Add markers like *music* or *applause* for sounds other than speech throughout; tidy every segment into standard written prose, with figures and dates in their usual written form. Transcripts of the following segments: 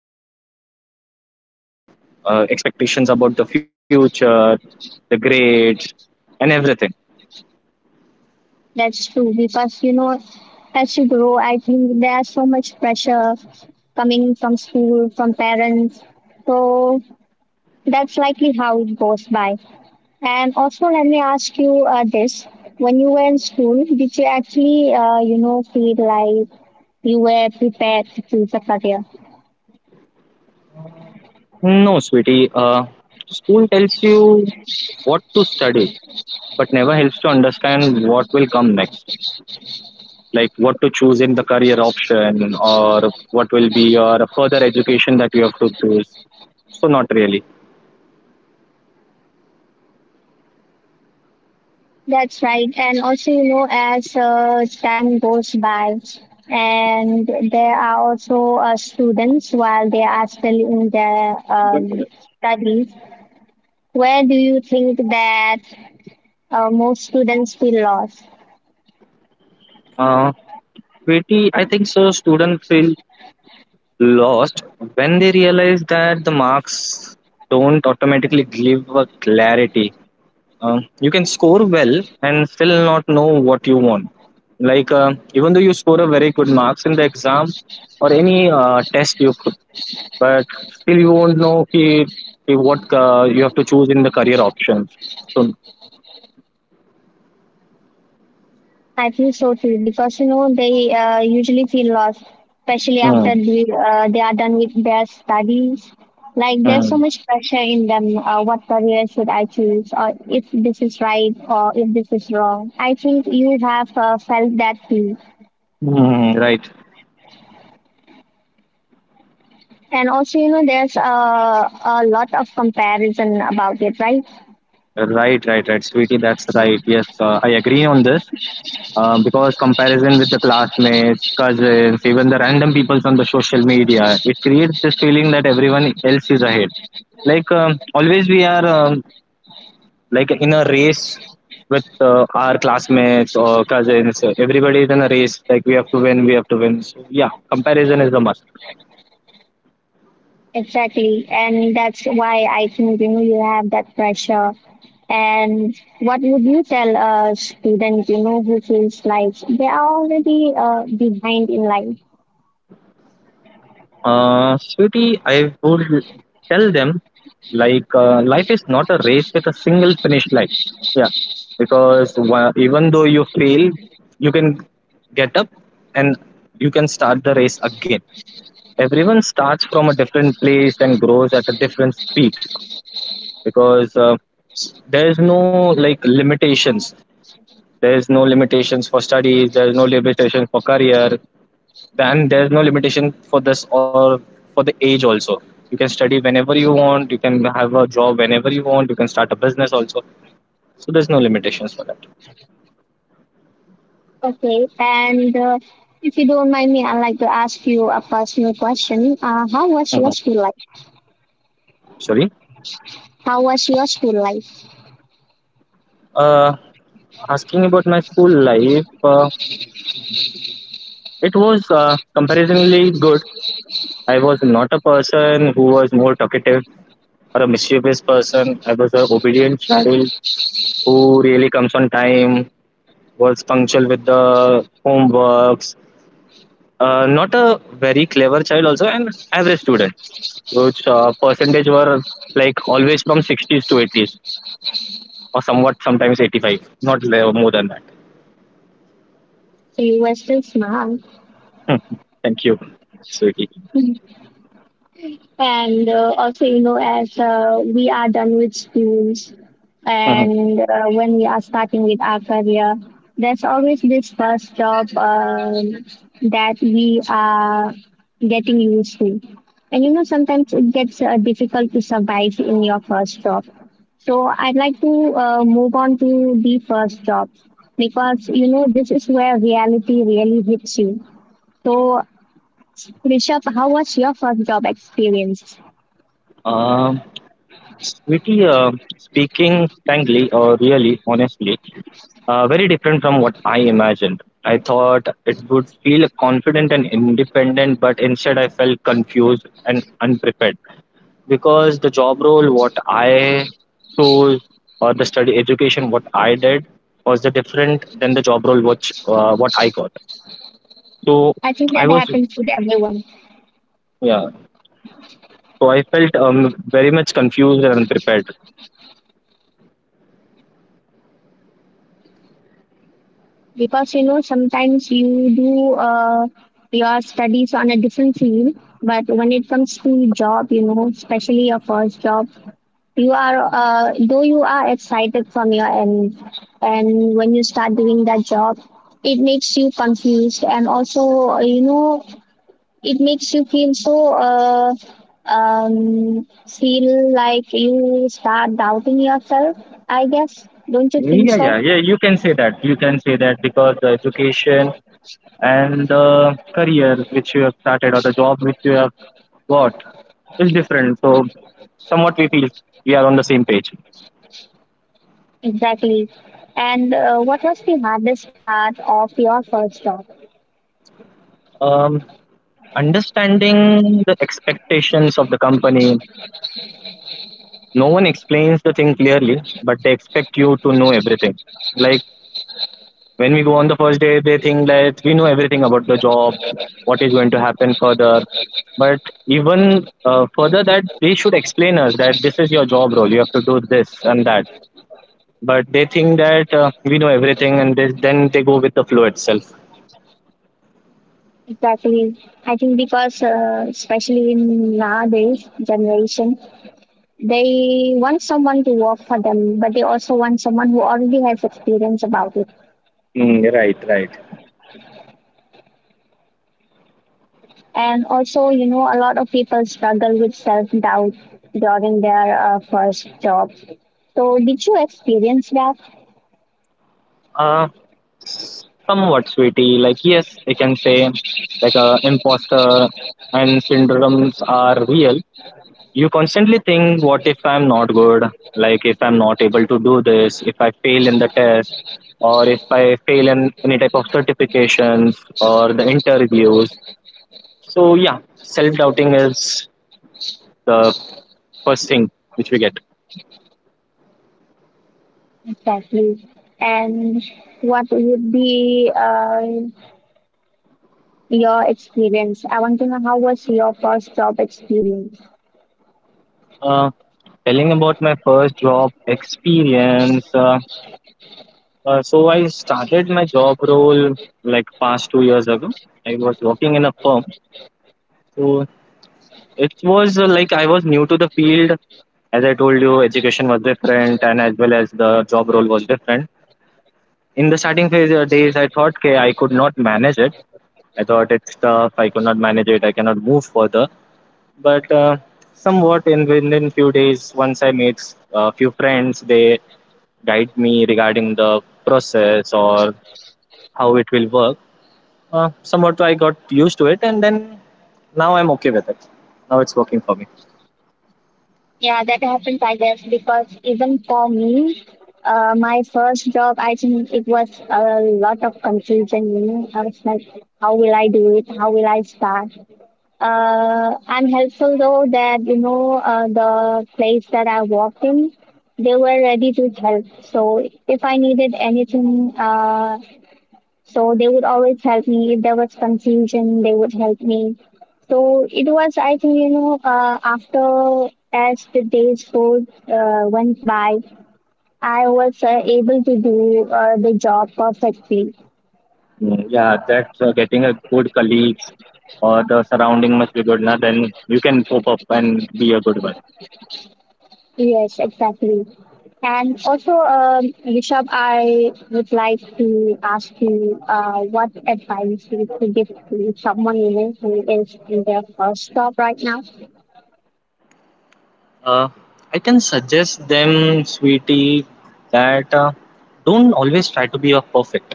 a good marks, expectations about the future, the grades, and everything. That's true because as you grow, I think there's so much pressure coming from school, from parents. So that's likely how it goes by. And also, let me ask you this: when you were in school, did you actually, feel like you were prepared to choose a career? No, sweetie. School tells you what to study, but never helps to understand what will come next. Like what to choose in the career option, or what will be your further education that you have to choose. So not really. That's right. And also, you know, as time goes by, and there are also students while they are still in their studies, where do you think that most students feel lost? Uh, Sweetie, I think so. Students feel lost when they realize that the marks don't automatically give a clarity. You can score well and still not know what you want. Like even though you score a very good marks in the exam or any test you put, but still you won't know ki what you have to choose in the career options. So, I feel so too because you know they usually feel lost, especially after mm, they are done with their studies. Like there's so mm, much pressure in them. What career should I choose, or if this is right, or if this is wrong? I think you have felt that too. mm, right, And also, you know, there's a lot of comparison about it, right? right, right, right, sweetie, that's right. Yes, I agree on this. Because comparison with the classmates, cousins, even the random peoples on the social media, it creates this feeling that everyone else is ahead. Like always, we are like in a race with our classmates or cousins. Everybody is in a race. Like we have to win, we have to win. So yeah, comparison is a must. Exactly, and that's why I think you know you have that pressure. And what would you tell a student, you know, who feels like they are already behind in life? Sweetie, I would tell them like life is not a race with a single finish line. Yeah, because even though you fail, you can get up and you can start the race again. Everyone starts from a different place and grows at a different speed because there is no like limitations. There is no limitations for studies. There is no limitations for career. Then there's no limitation for this or for the age also. You can study whenever you want. You can have a job whenever you want. You can start a business also. So there's no limitations for that. Okay. And if you don't mind me, I'd like to ask you a personal question. How was your Mhm. school life? Sorry. How was your school life? Uh, Asking about my school life, it was comparatively good. I was not a person who was more talkative or a mischievous person. I was an obedient child who really comes on time, was punctual with the homeworks. Not a very clever child, also an average student, which percentage were like always from 60s to 80s, or somewhat sometimes 85, not more than that. So you were still smart. Hmm. Thank you, sweetie. And also, you know, as we are done with schools Mhm. and when we are starting with our career, there's always this first job that we are getting used to. And you know, sometimes it gets difficult to survive in your first job. So I'd like to move on to the first job because you know this is where reality really hits you. So Rishabh, how was your first job experience? Um, Sweetie, speaking frankly or really honestly, very different from what I imagined. I thought it would feel confident and independent, but instead I felt confused and unprepared. Because the job role what I chose or the study education what I did was the different than the job role which what I got. So I think I that was, happens with everyone yeah. So I felt very much confused and unprepared. because you know sometimes you do your studies on a different field, but when it comes to job, you know, especially your first job, you are though you are excited from your end, and when you start doing that job, it makes you confused and also you know it makes you feel so. Feel like you start doubting yourself, I guess. Don't you think Yeah, so? yeah, yeah. You can say that. You can say that because the education and the career which you have started or the job which you have got is different. So somewhat we feel we are on the same page. Exactly. And what was the hardest part of your first job? Um, Understanding the expectations of the company, no one explains the thing clearly, but they expect you to know everything. Like when we go on the first day, they think that we know everything about the job, what is going to happen further. But even further that, they should explain us that this is your job role, you have to do this and that. But they think that we know everything, and then they go with the flow itself. Exactly. I think because, especially in nowadays generation, they want someone to work for them, but they also want someone who already has experience about it. Mm, right, right. And also, you know, a lot of people struggle with self doubt during their first job. So, did you experience that? uh, Somewhat, sweetie. Like, yes, I can say, like, imposter and syndromes are real. You constantly think, what if I'm not good? Like, if I'm not able to do this, if I fail in the test, or if I fail in any type of certifications or the interviews. So, yeah, self doubting is the first thing which we get. Exactly. And what would be your experience. I want to know how was your first job experience? Uh, Telling about my first job experience. So I started my job role like past 2 years ago. I was working in a firm. So it was like I was new to the field. As I told you, education was different, and as well as the job role was different. In the starting phase days, I thought, okay, I could not manage it. I thought it's tough. I could not manage it. I cannot move further. But somewhat in within few days, once I made a few friends, they guide me regarding the process or how it will work. Somewhat I got used to it, and then now I'm okay with it. Now it's working for me. Yeah, that happens, I guess, because even for me, my first job, I think it was a lot of confusion. You know, I was like, how will I do it? How will I start? I'm helpful though that you know the place that I worked in, they were ready to help. So if I needed anything, so they would always help me. If there was confusion, they would help me. So it was, I think, you know, after as the days go went by, I was able to do the job perfectly. Mm, yeah, that's getting a good colleagues or the surrounding must be good. Now then you can pop up and be a good one. Yes, exactly. And also, Rishabh, I would like to ask you what advice you could give to someone you know, who is in their first job right now. Uh, I can suggest them, sweetie, that don't always try to be a perfect.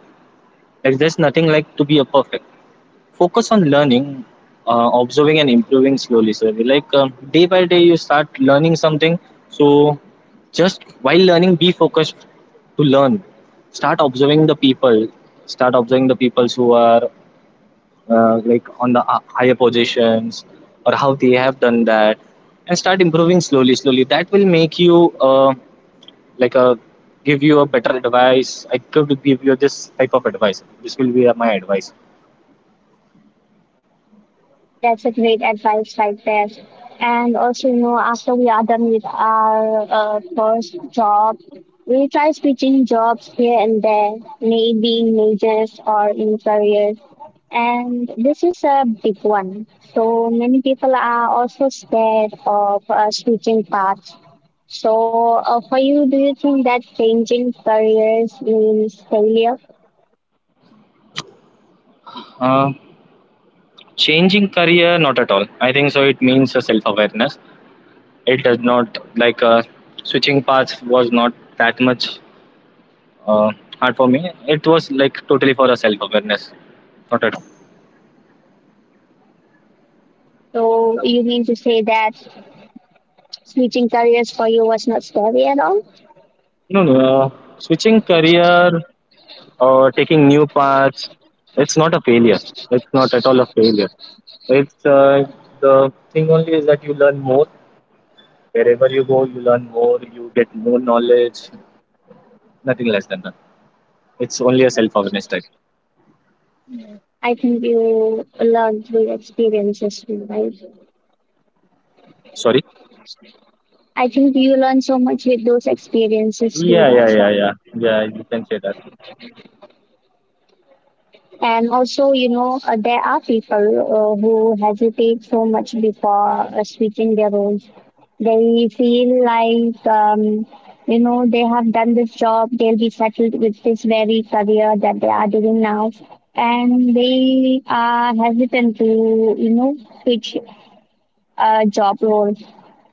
Like there's nothing like to be a perfect. Focus on learning, observing and improving slowly, sir. Like day by day you start learning something. So just while learning be focused to learn, start observing the people, start observing the people who are like on the higher positions, or how they have done that, and start improving slowly slowly. That will make you like a give you a better advice. I could give you this type of advice. This will be my advice. That's a great advice right there. And also, you know, after we are done with our first job, we try switching jobs here and there, maybe in majors or in careers. And this is a big one. So many people are also scared of switching paths. So for you, do you think that changing careers means failure? uh, Changing career, not at all. I think so. It means a self awareness. It does not like switching paths was not that much uh, hard for me. It was like totally for a self awareness, not at all. So you mean to say that switching careers for you was not scary at all? No, no. Switching career or taking new paths, it's not a failure. It's not at all a failure. It's the thing only is that you learn more. Wherever you go, you learn more. You get more knowledge. Nothing less than that. It's only a self awareness type. I think you learn through experiences too, right? Sorry. I think you learn so much with those experiences too. Yeah, yeah, That's yeah, why. yeah. Yeah, you can say that. And also, you know, there are people who hesitate so much before switching their roles. They feel like, you know, they have done this job, they'll be settled with this very career that they are doing now, and they are hesitant to, you know, switch job role.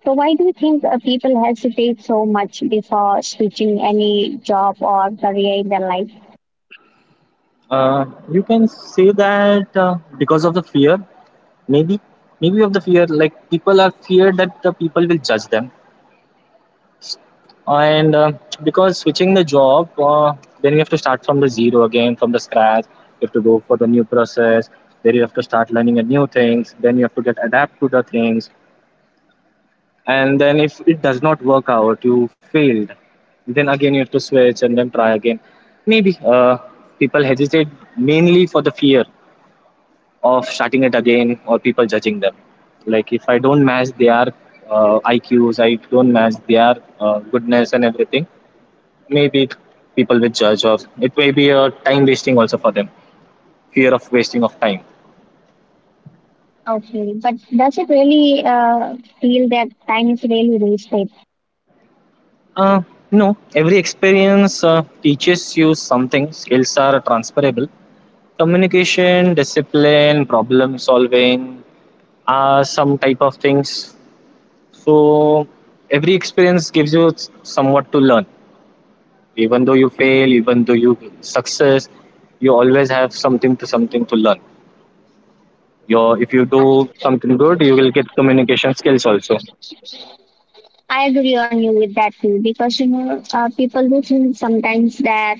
So why do you think people hesitate so much before switching any job or career in their life? Uh, you can say that because of the fear, maybe, maybe of the fear, like people are feared that the people will judge them, and because switching the job, then you have to start from the zero again, from the scratch. You have to go for the new process. Then you have to start learning a new things. Then you have to get adapt to the things. And then if it does not work out, you failed, then again you have to switch and then try again. Maybe people hesitate mainly for the fear of starting it again, or people judging them, like if I don't match their IQs, I don't match their goodness and everything. Maybe people will judge, or it may be a time wasting also for them, fear of wasting of time. Okay, but does it really feel that time is really wasted? uh, no, every experience teaches you something. Skills are transferable. Communication, discipline, problem solving are some type of things. So every experience gives you somewhat to learn. Even though you fail, even though you success, you always have something to learn. Your If you do something good, you will get communication skills also. I agree on you with that too, because you know people do think sometimes that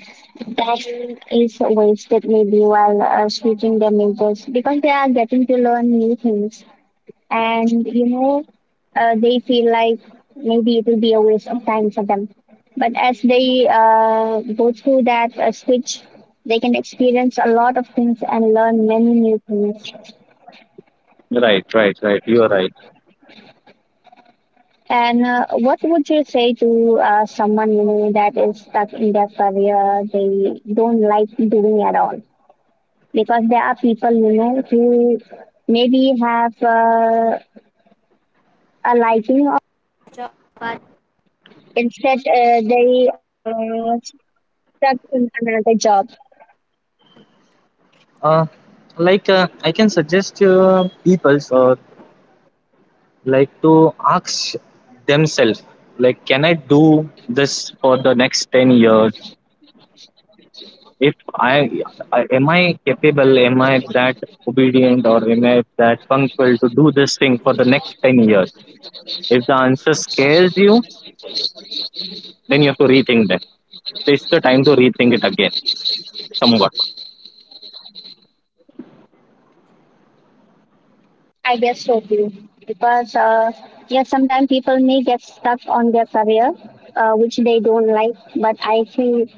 time is wasted maybe while switching their majors because they are getting to learn new things and you know they feel like maybe it will be a waste of time for them, but as they go through that switch, they can experience a lot of things and learn many new things. Right, right, right. You are right. And what would you say to someone you know that is stuck in their career they don't like doing at all, because there are people you know who maybe have a... Uh, like I can suggest people's, or like to ask themselves like, can I do this for the next 10 years? If I, am I capable, am I that obedient, or am I that punctual to do this thing for the next 10 years? If the answer scares you, then you have to rethink that. It's the time to rethink it again, somewhat. I guess so too, because yeah, sometimes people may get stuck on their career, which they don't like. But I think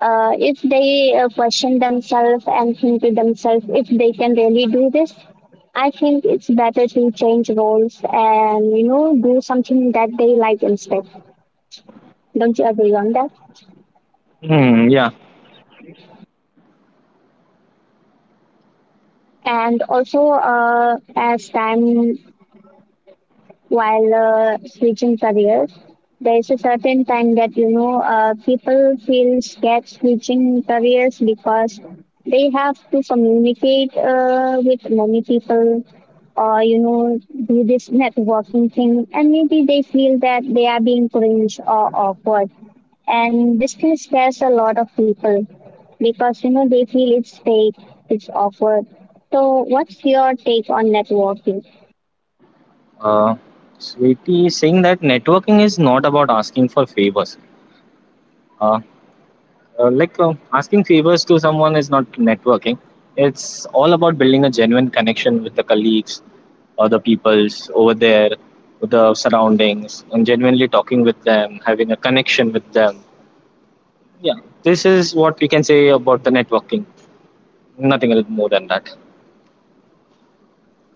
if they question themselves and think to themselves if they can really do this, I think it's better to change roles and you know do something that they like instead. Don't you agree on that? Hmm, yeah. And also, as time while switching careers. There is a certain time that you know people feel scared switching careers because they have to communicate with many people or you know do this networking thing and maybe they feel that they are being cringe or awkward, and this can scares a lot of people because you know they feel it's fake, it's awkward. So what's your take on networking? uh, Sweetie is saying that networking is not about asking for favors. uh, like asking favors to someone is not networking. It's all about building a genuine connection with the colleagues or the peoples over there, with the surroundings, and genuinely talking with them, having a connection with them. Yeah, this is what we can say about the networking. Nothing else more than that.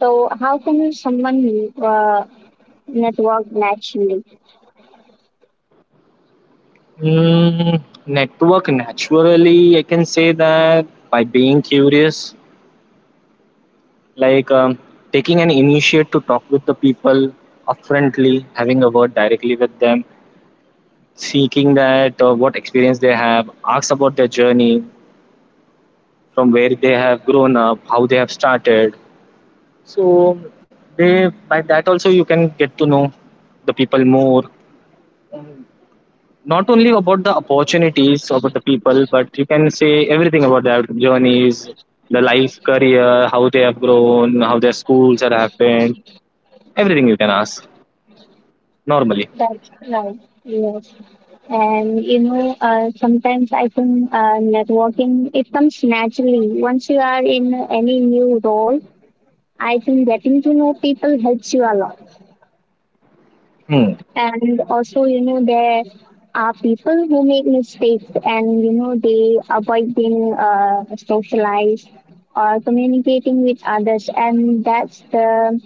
So how can someone network naturally? Mm, network naturally, I can say that by being curious, like taking an initiate to talk with the people upfrontly, having a word directly with them, seeking that what experience they have, asks about their journey, from where they have grown up, how they have started. So they by that also you can get to know the people more. Not only about the opportunities about the people, but you can say everything about their journeys, the life, career, how they have grown, how their schools have happened. Everything you can ask normally. That's right. Yes. And you know, sometimes I think networking it comes naturally. Once you are in any new role, I think getting to know people helps you a lot. Hmm. And also, you know, there are people who make mistakes, and you know, they avoid being socialized or communicating with others, and that's the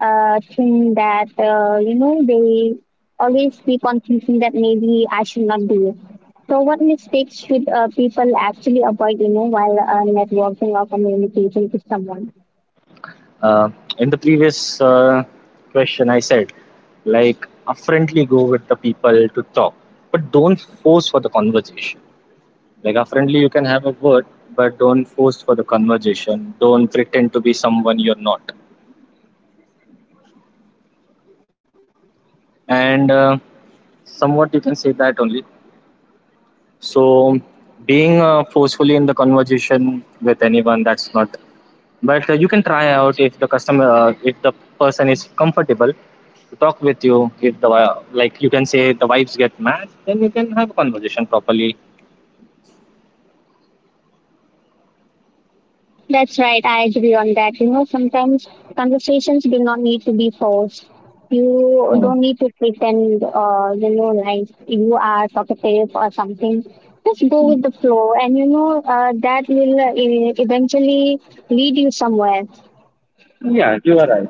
thing that you know they always keep on thinking that maybe I should not do it. So, what mistakes should people actually avoid, you know, while networking or communicating with someone? Uh, in the previous question, I said, like, friendly go with the people to talk, but don't force for the conversation. Like, friendly, you can have a word, but don't force for the conversation. Don't pretend to be someone you're not. And somewhat you can say that only. So, being forcefully in the conversation with anyone, that's not. But you can try out if the customer, if the person is comfortable to talk with you. If like you can say the vibes get matched, then you can have a conversation properly. That's right. I agree on that. You know, sometimes conversations do not need to be forced. You Hmm. don't need to pretend, you know, like you are talkative or something. Just go with the flow, and you know that will eventually lead you somewhere. Yeah, you are right.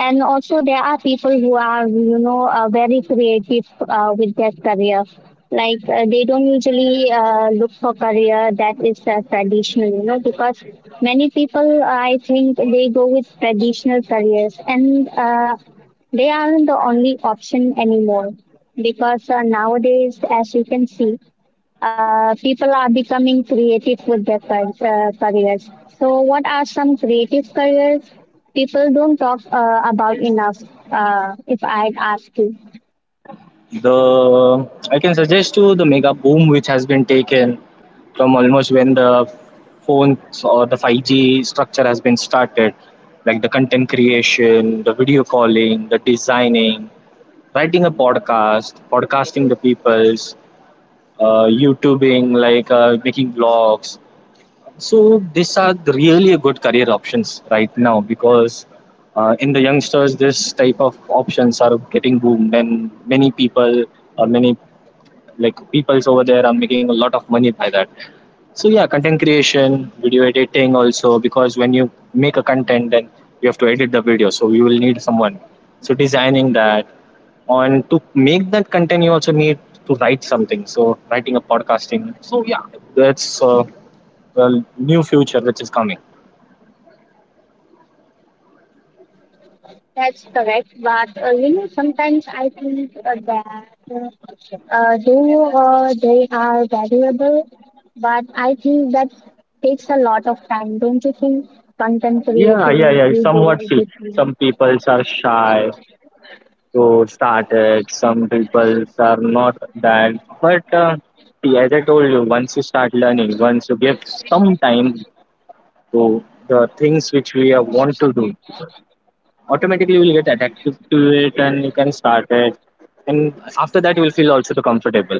And also, there are people who are, you know, very creative with their career. Like they don't usually look for career that is traditional, you know, because many people, I think, they go with traditional careers, and they aren't the only option anymore. Because nowadays, as you can see, people are becoming creative with their careers. So, what are some creative careers people don't talk about enough? If I'd ask you, The I can suggest you the mega boom which has been taken from almost when the phones or the 5G structure has been started, like the content creation, the video calling, the designing, writing a podcast, podcasting the people's, YouTubing, like making vlogs. So these are the really a good career options right now because in the youngsters, this type of options are getting boomed, and many people or many like peoples over there are making a lot of money by that. So yeah, content creation, video editing also, because when you make a content, then you have to edit the video, so you will need someone. So designing that, and to make that content, you also need to write something. So writing a podcasting. So yeah, that's the new future which is coming. that's correct. But you know, sometimes I think that though they are valuable, but I think that takes a lot of time, don't you think? Content You have creating, you do seen everything. some guy who started, some people are not that, but see, as I told you, once you start learning, once you give some time to the things which we want to do, automatically you will get attracted to it and you can start it, and after that you will feel also too comfortable.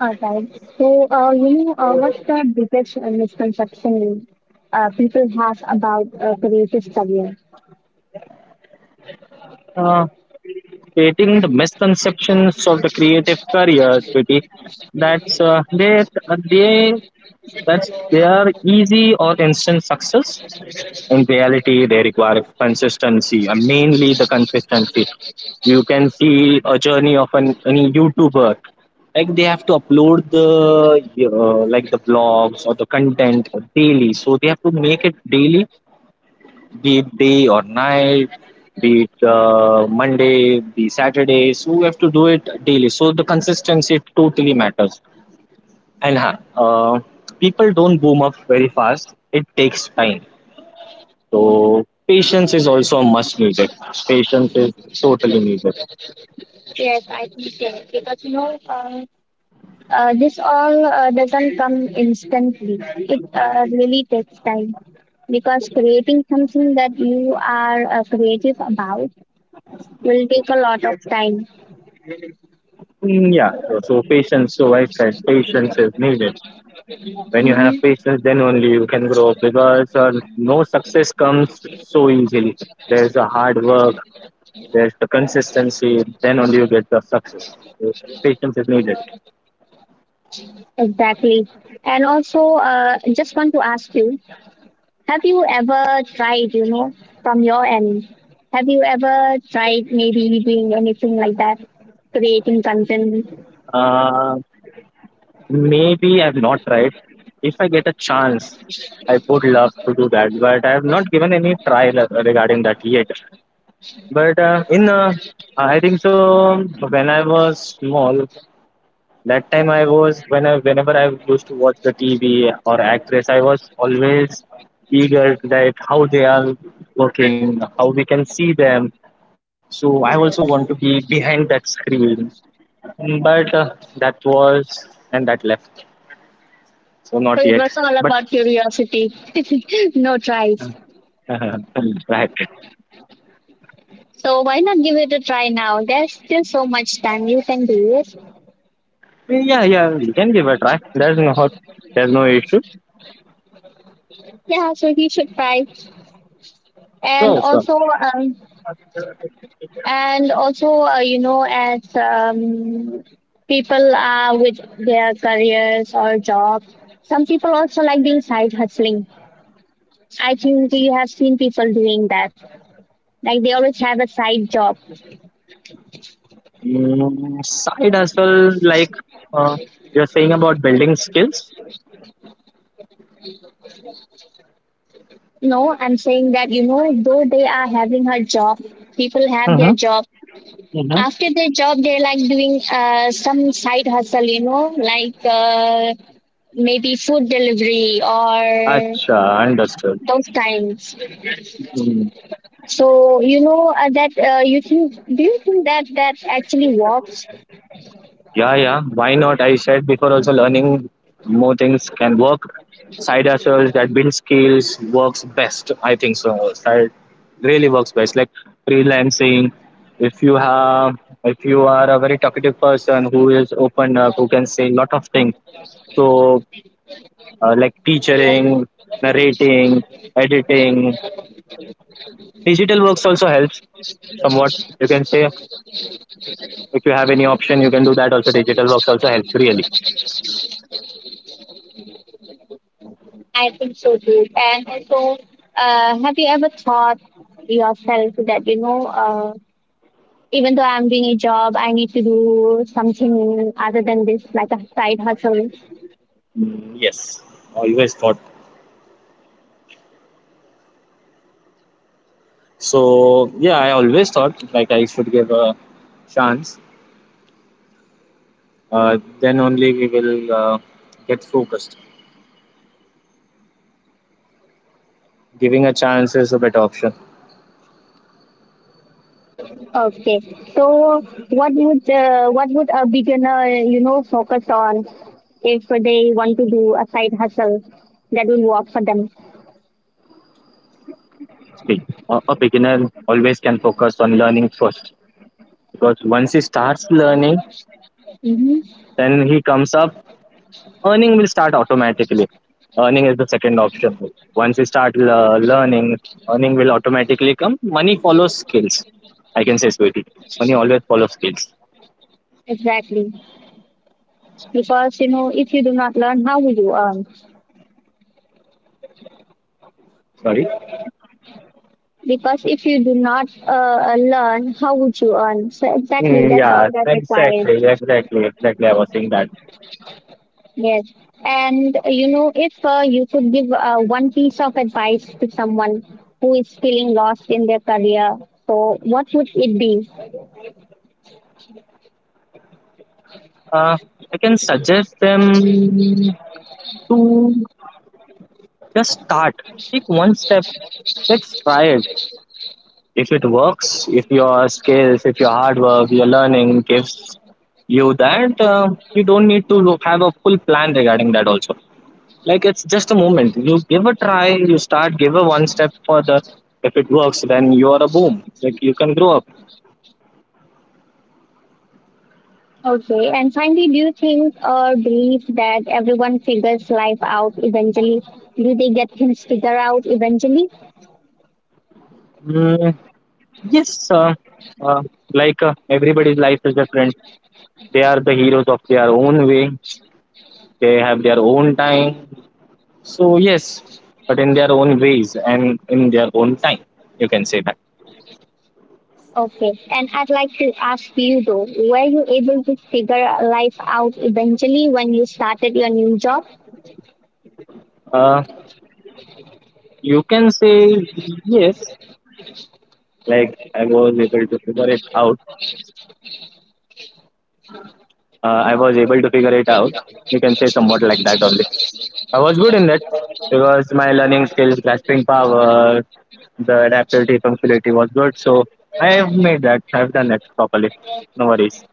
All right. So, you know, what's the biggest misconception people have about a creative career? uh, Creating the misconceptions of the creative careers Viti, that's they that's their easy or instant success. In reality, they require consistency, and mainly the consistency. You can see a journey of an any YouTuber. Like they have to upload the like the vlogs or the content daily, so they have to make it daily, be it day or night, be it Monday, be Saturday. So we have to do it daily. So the consistency totally matters. And people don't boom up very fast. It takes time, so patience is also much needed. Patience is totally needed. Yes, I think so. Because, you know, this all doesn't come instantly. It really takes time. Because creating something that you are creative about will take a lot of time. Mm, yeah. So patience. So I said patience is needed. When you have Mm-hmm. patience, then only you can grow. Because no success comes so easily. There's a hard work. There's the consistency. Then only you get the success. So patience is needed. Exactly. And also, just want to ask you, have you ever tried, you know, from your end? Have you ever tried maybe doing anything like that, creating content? Uh, Maybe I've not tried. If I get a chance, I would love to do that. But I have not given any trial regarding that yet. But in I think so when I was small, that time I was when I whenever I used to watch the TV or actress, I was always eager that how they are working, how we can see them. So I also want to be behind that screen. Mm, but that was, and that left. So not So it yet, was all but about curiosity, *laughs* no tries. *laughs* right. So why not give it a try now? There's still so much time you can do it. Yeah, yeah, we can give a try. There's no issue. Yeah, so he should try. And Sure, sure. also, um, and also, you know, as people are with their careers or jobs, some people also like doing side hustling. I think you have seen people doing that. Like they always have a side job. Mm, side as well, like uh, you're saying about building skills. No, I'm saying that, you know, though they are having a job, people have their Mm-hmm. job. Mm-hmm. After their job, they're like doing some side hustle, you know, like maybe food delivery or Acha, understood. those kinds. Mm. So, you know, that you think, do you think that that actually works? Yeah, yeah. Why not? I said before, also learning more things can work. Side as well, that build skills works best. I think so. Side really works best. Like freelancing. If you have, if you are a very talkative person who is open up, who can say lot of things. So. Like teaching, narrating, editing. Digital works also helps somewhat. You can say if you have any option, you can do that. Also, digital works also helps really. I think so too. And so, have you ever thought yourself that, you know, even though I'm doing a job, I need to do something other than this, like a side hustle? Mm, yes, always thought. So yeah, I always thought like I should give a chance. Then only we will get focused. Giving a chance is a better option. Okay. So, what would a beginner, you know, focus on if they want to do a side hustle that will work for them? See, a beginner always can focus on learning first, because once he starts learning, Mm-hmm. then he comes up. Earning will start automatically. Earning is the second option. Once you start learning, earning will automatically come. Money follows skills. I can say, sweetie. Money always follows skills. Exactly. Because, you know, if you do not learn, how will you earn? Sorry. Because if you do not learn, how would you earn? So exactly, Mm, that's all yeah, that required. exactly, exactly, exactly. I was saying that. Yes, and you know, if you could give one piece of advice to someone who is feeling lost in their career, so what would it be? Uh, I can suggest them to just start. Take one step. Let's try it. If it works, if your skills, if your hard work, your learning gives you that, you don't need to have a full plan regarding that also. Like it's just a moment. You give a try, you start, give a one step further. If it works, then you are a boom. Like you can grow up. Okay, and finally, do you think or believe that everyone figures life out eventually? Do they get things figured out eventually? Mm, yes, uh, everybody's life is different. They are the heroes of their own way. They have their own time. So yes, but in their own ways and in their own time, you can say that. Okay, and I'd like to ask you though, were you able to figure life out eventually when you started your new job? Uh, you can say yes. Like I was able to figure it out. I was able to figure it out. You can say somewhat like that only. I was good in that because my learning skills, grasping power, the adaptability, punctuality was good. So I have made that. I've done that properly. No worries.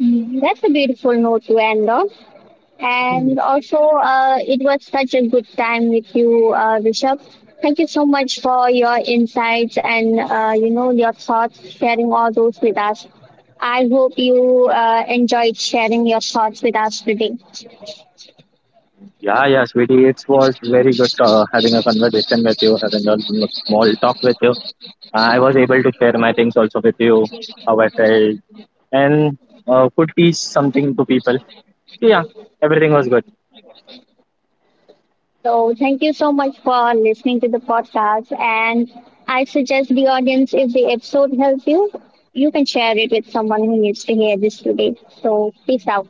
Mm, that's a beautiful note to end on. And also, it was such a good time with you, Rishabh. Thank you so much for your insights and you know your thoughts, sharing all those with us. I hope you enjoyed sharing your thoughts with us today. Yeah, yeah, sweetie. It was very good having a conversation with you, having a small talk with you. I was able to share my things also with you, how I felt, and could teach something to people. So, yeah, everything was good. So thank you so much for listening to the podcast. And I suggest the audience, if the episode helped you, you can share it with someone who needs to hear this today. So peace out.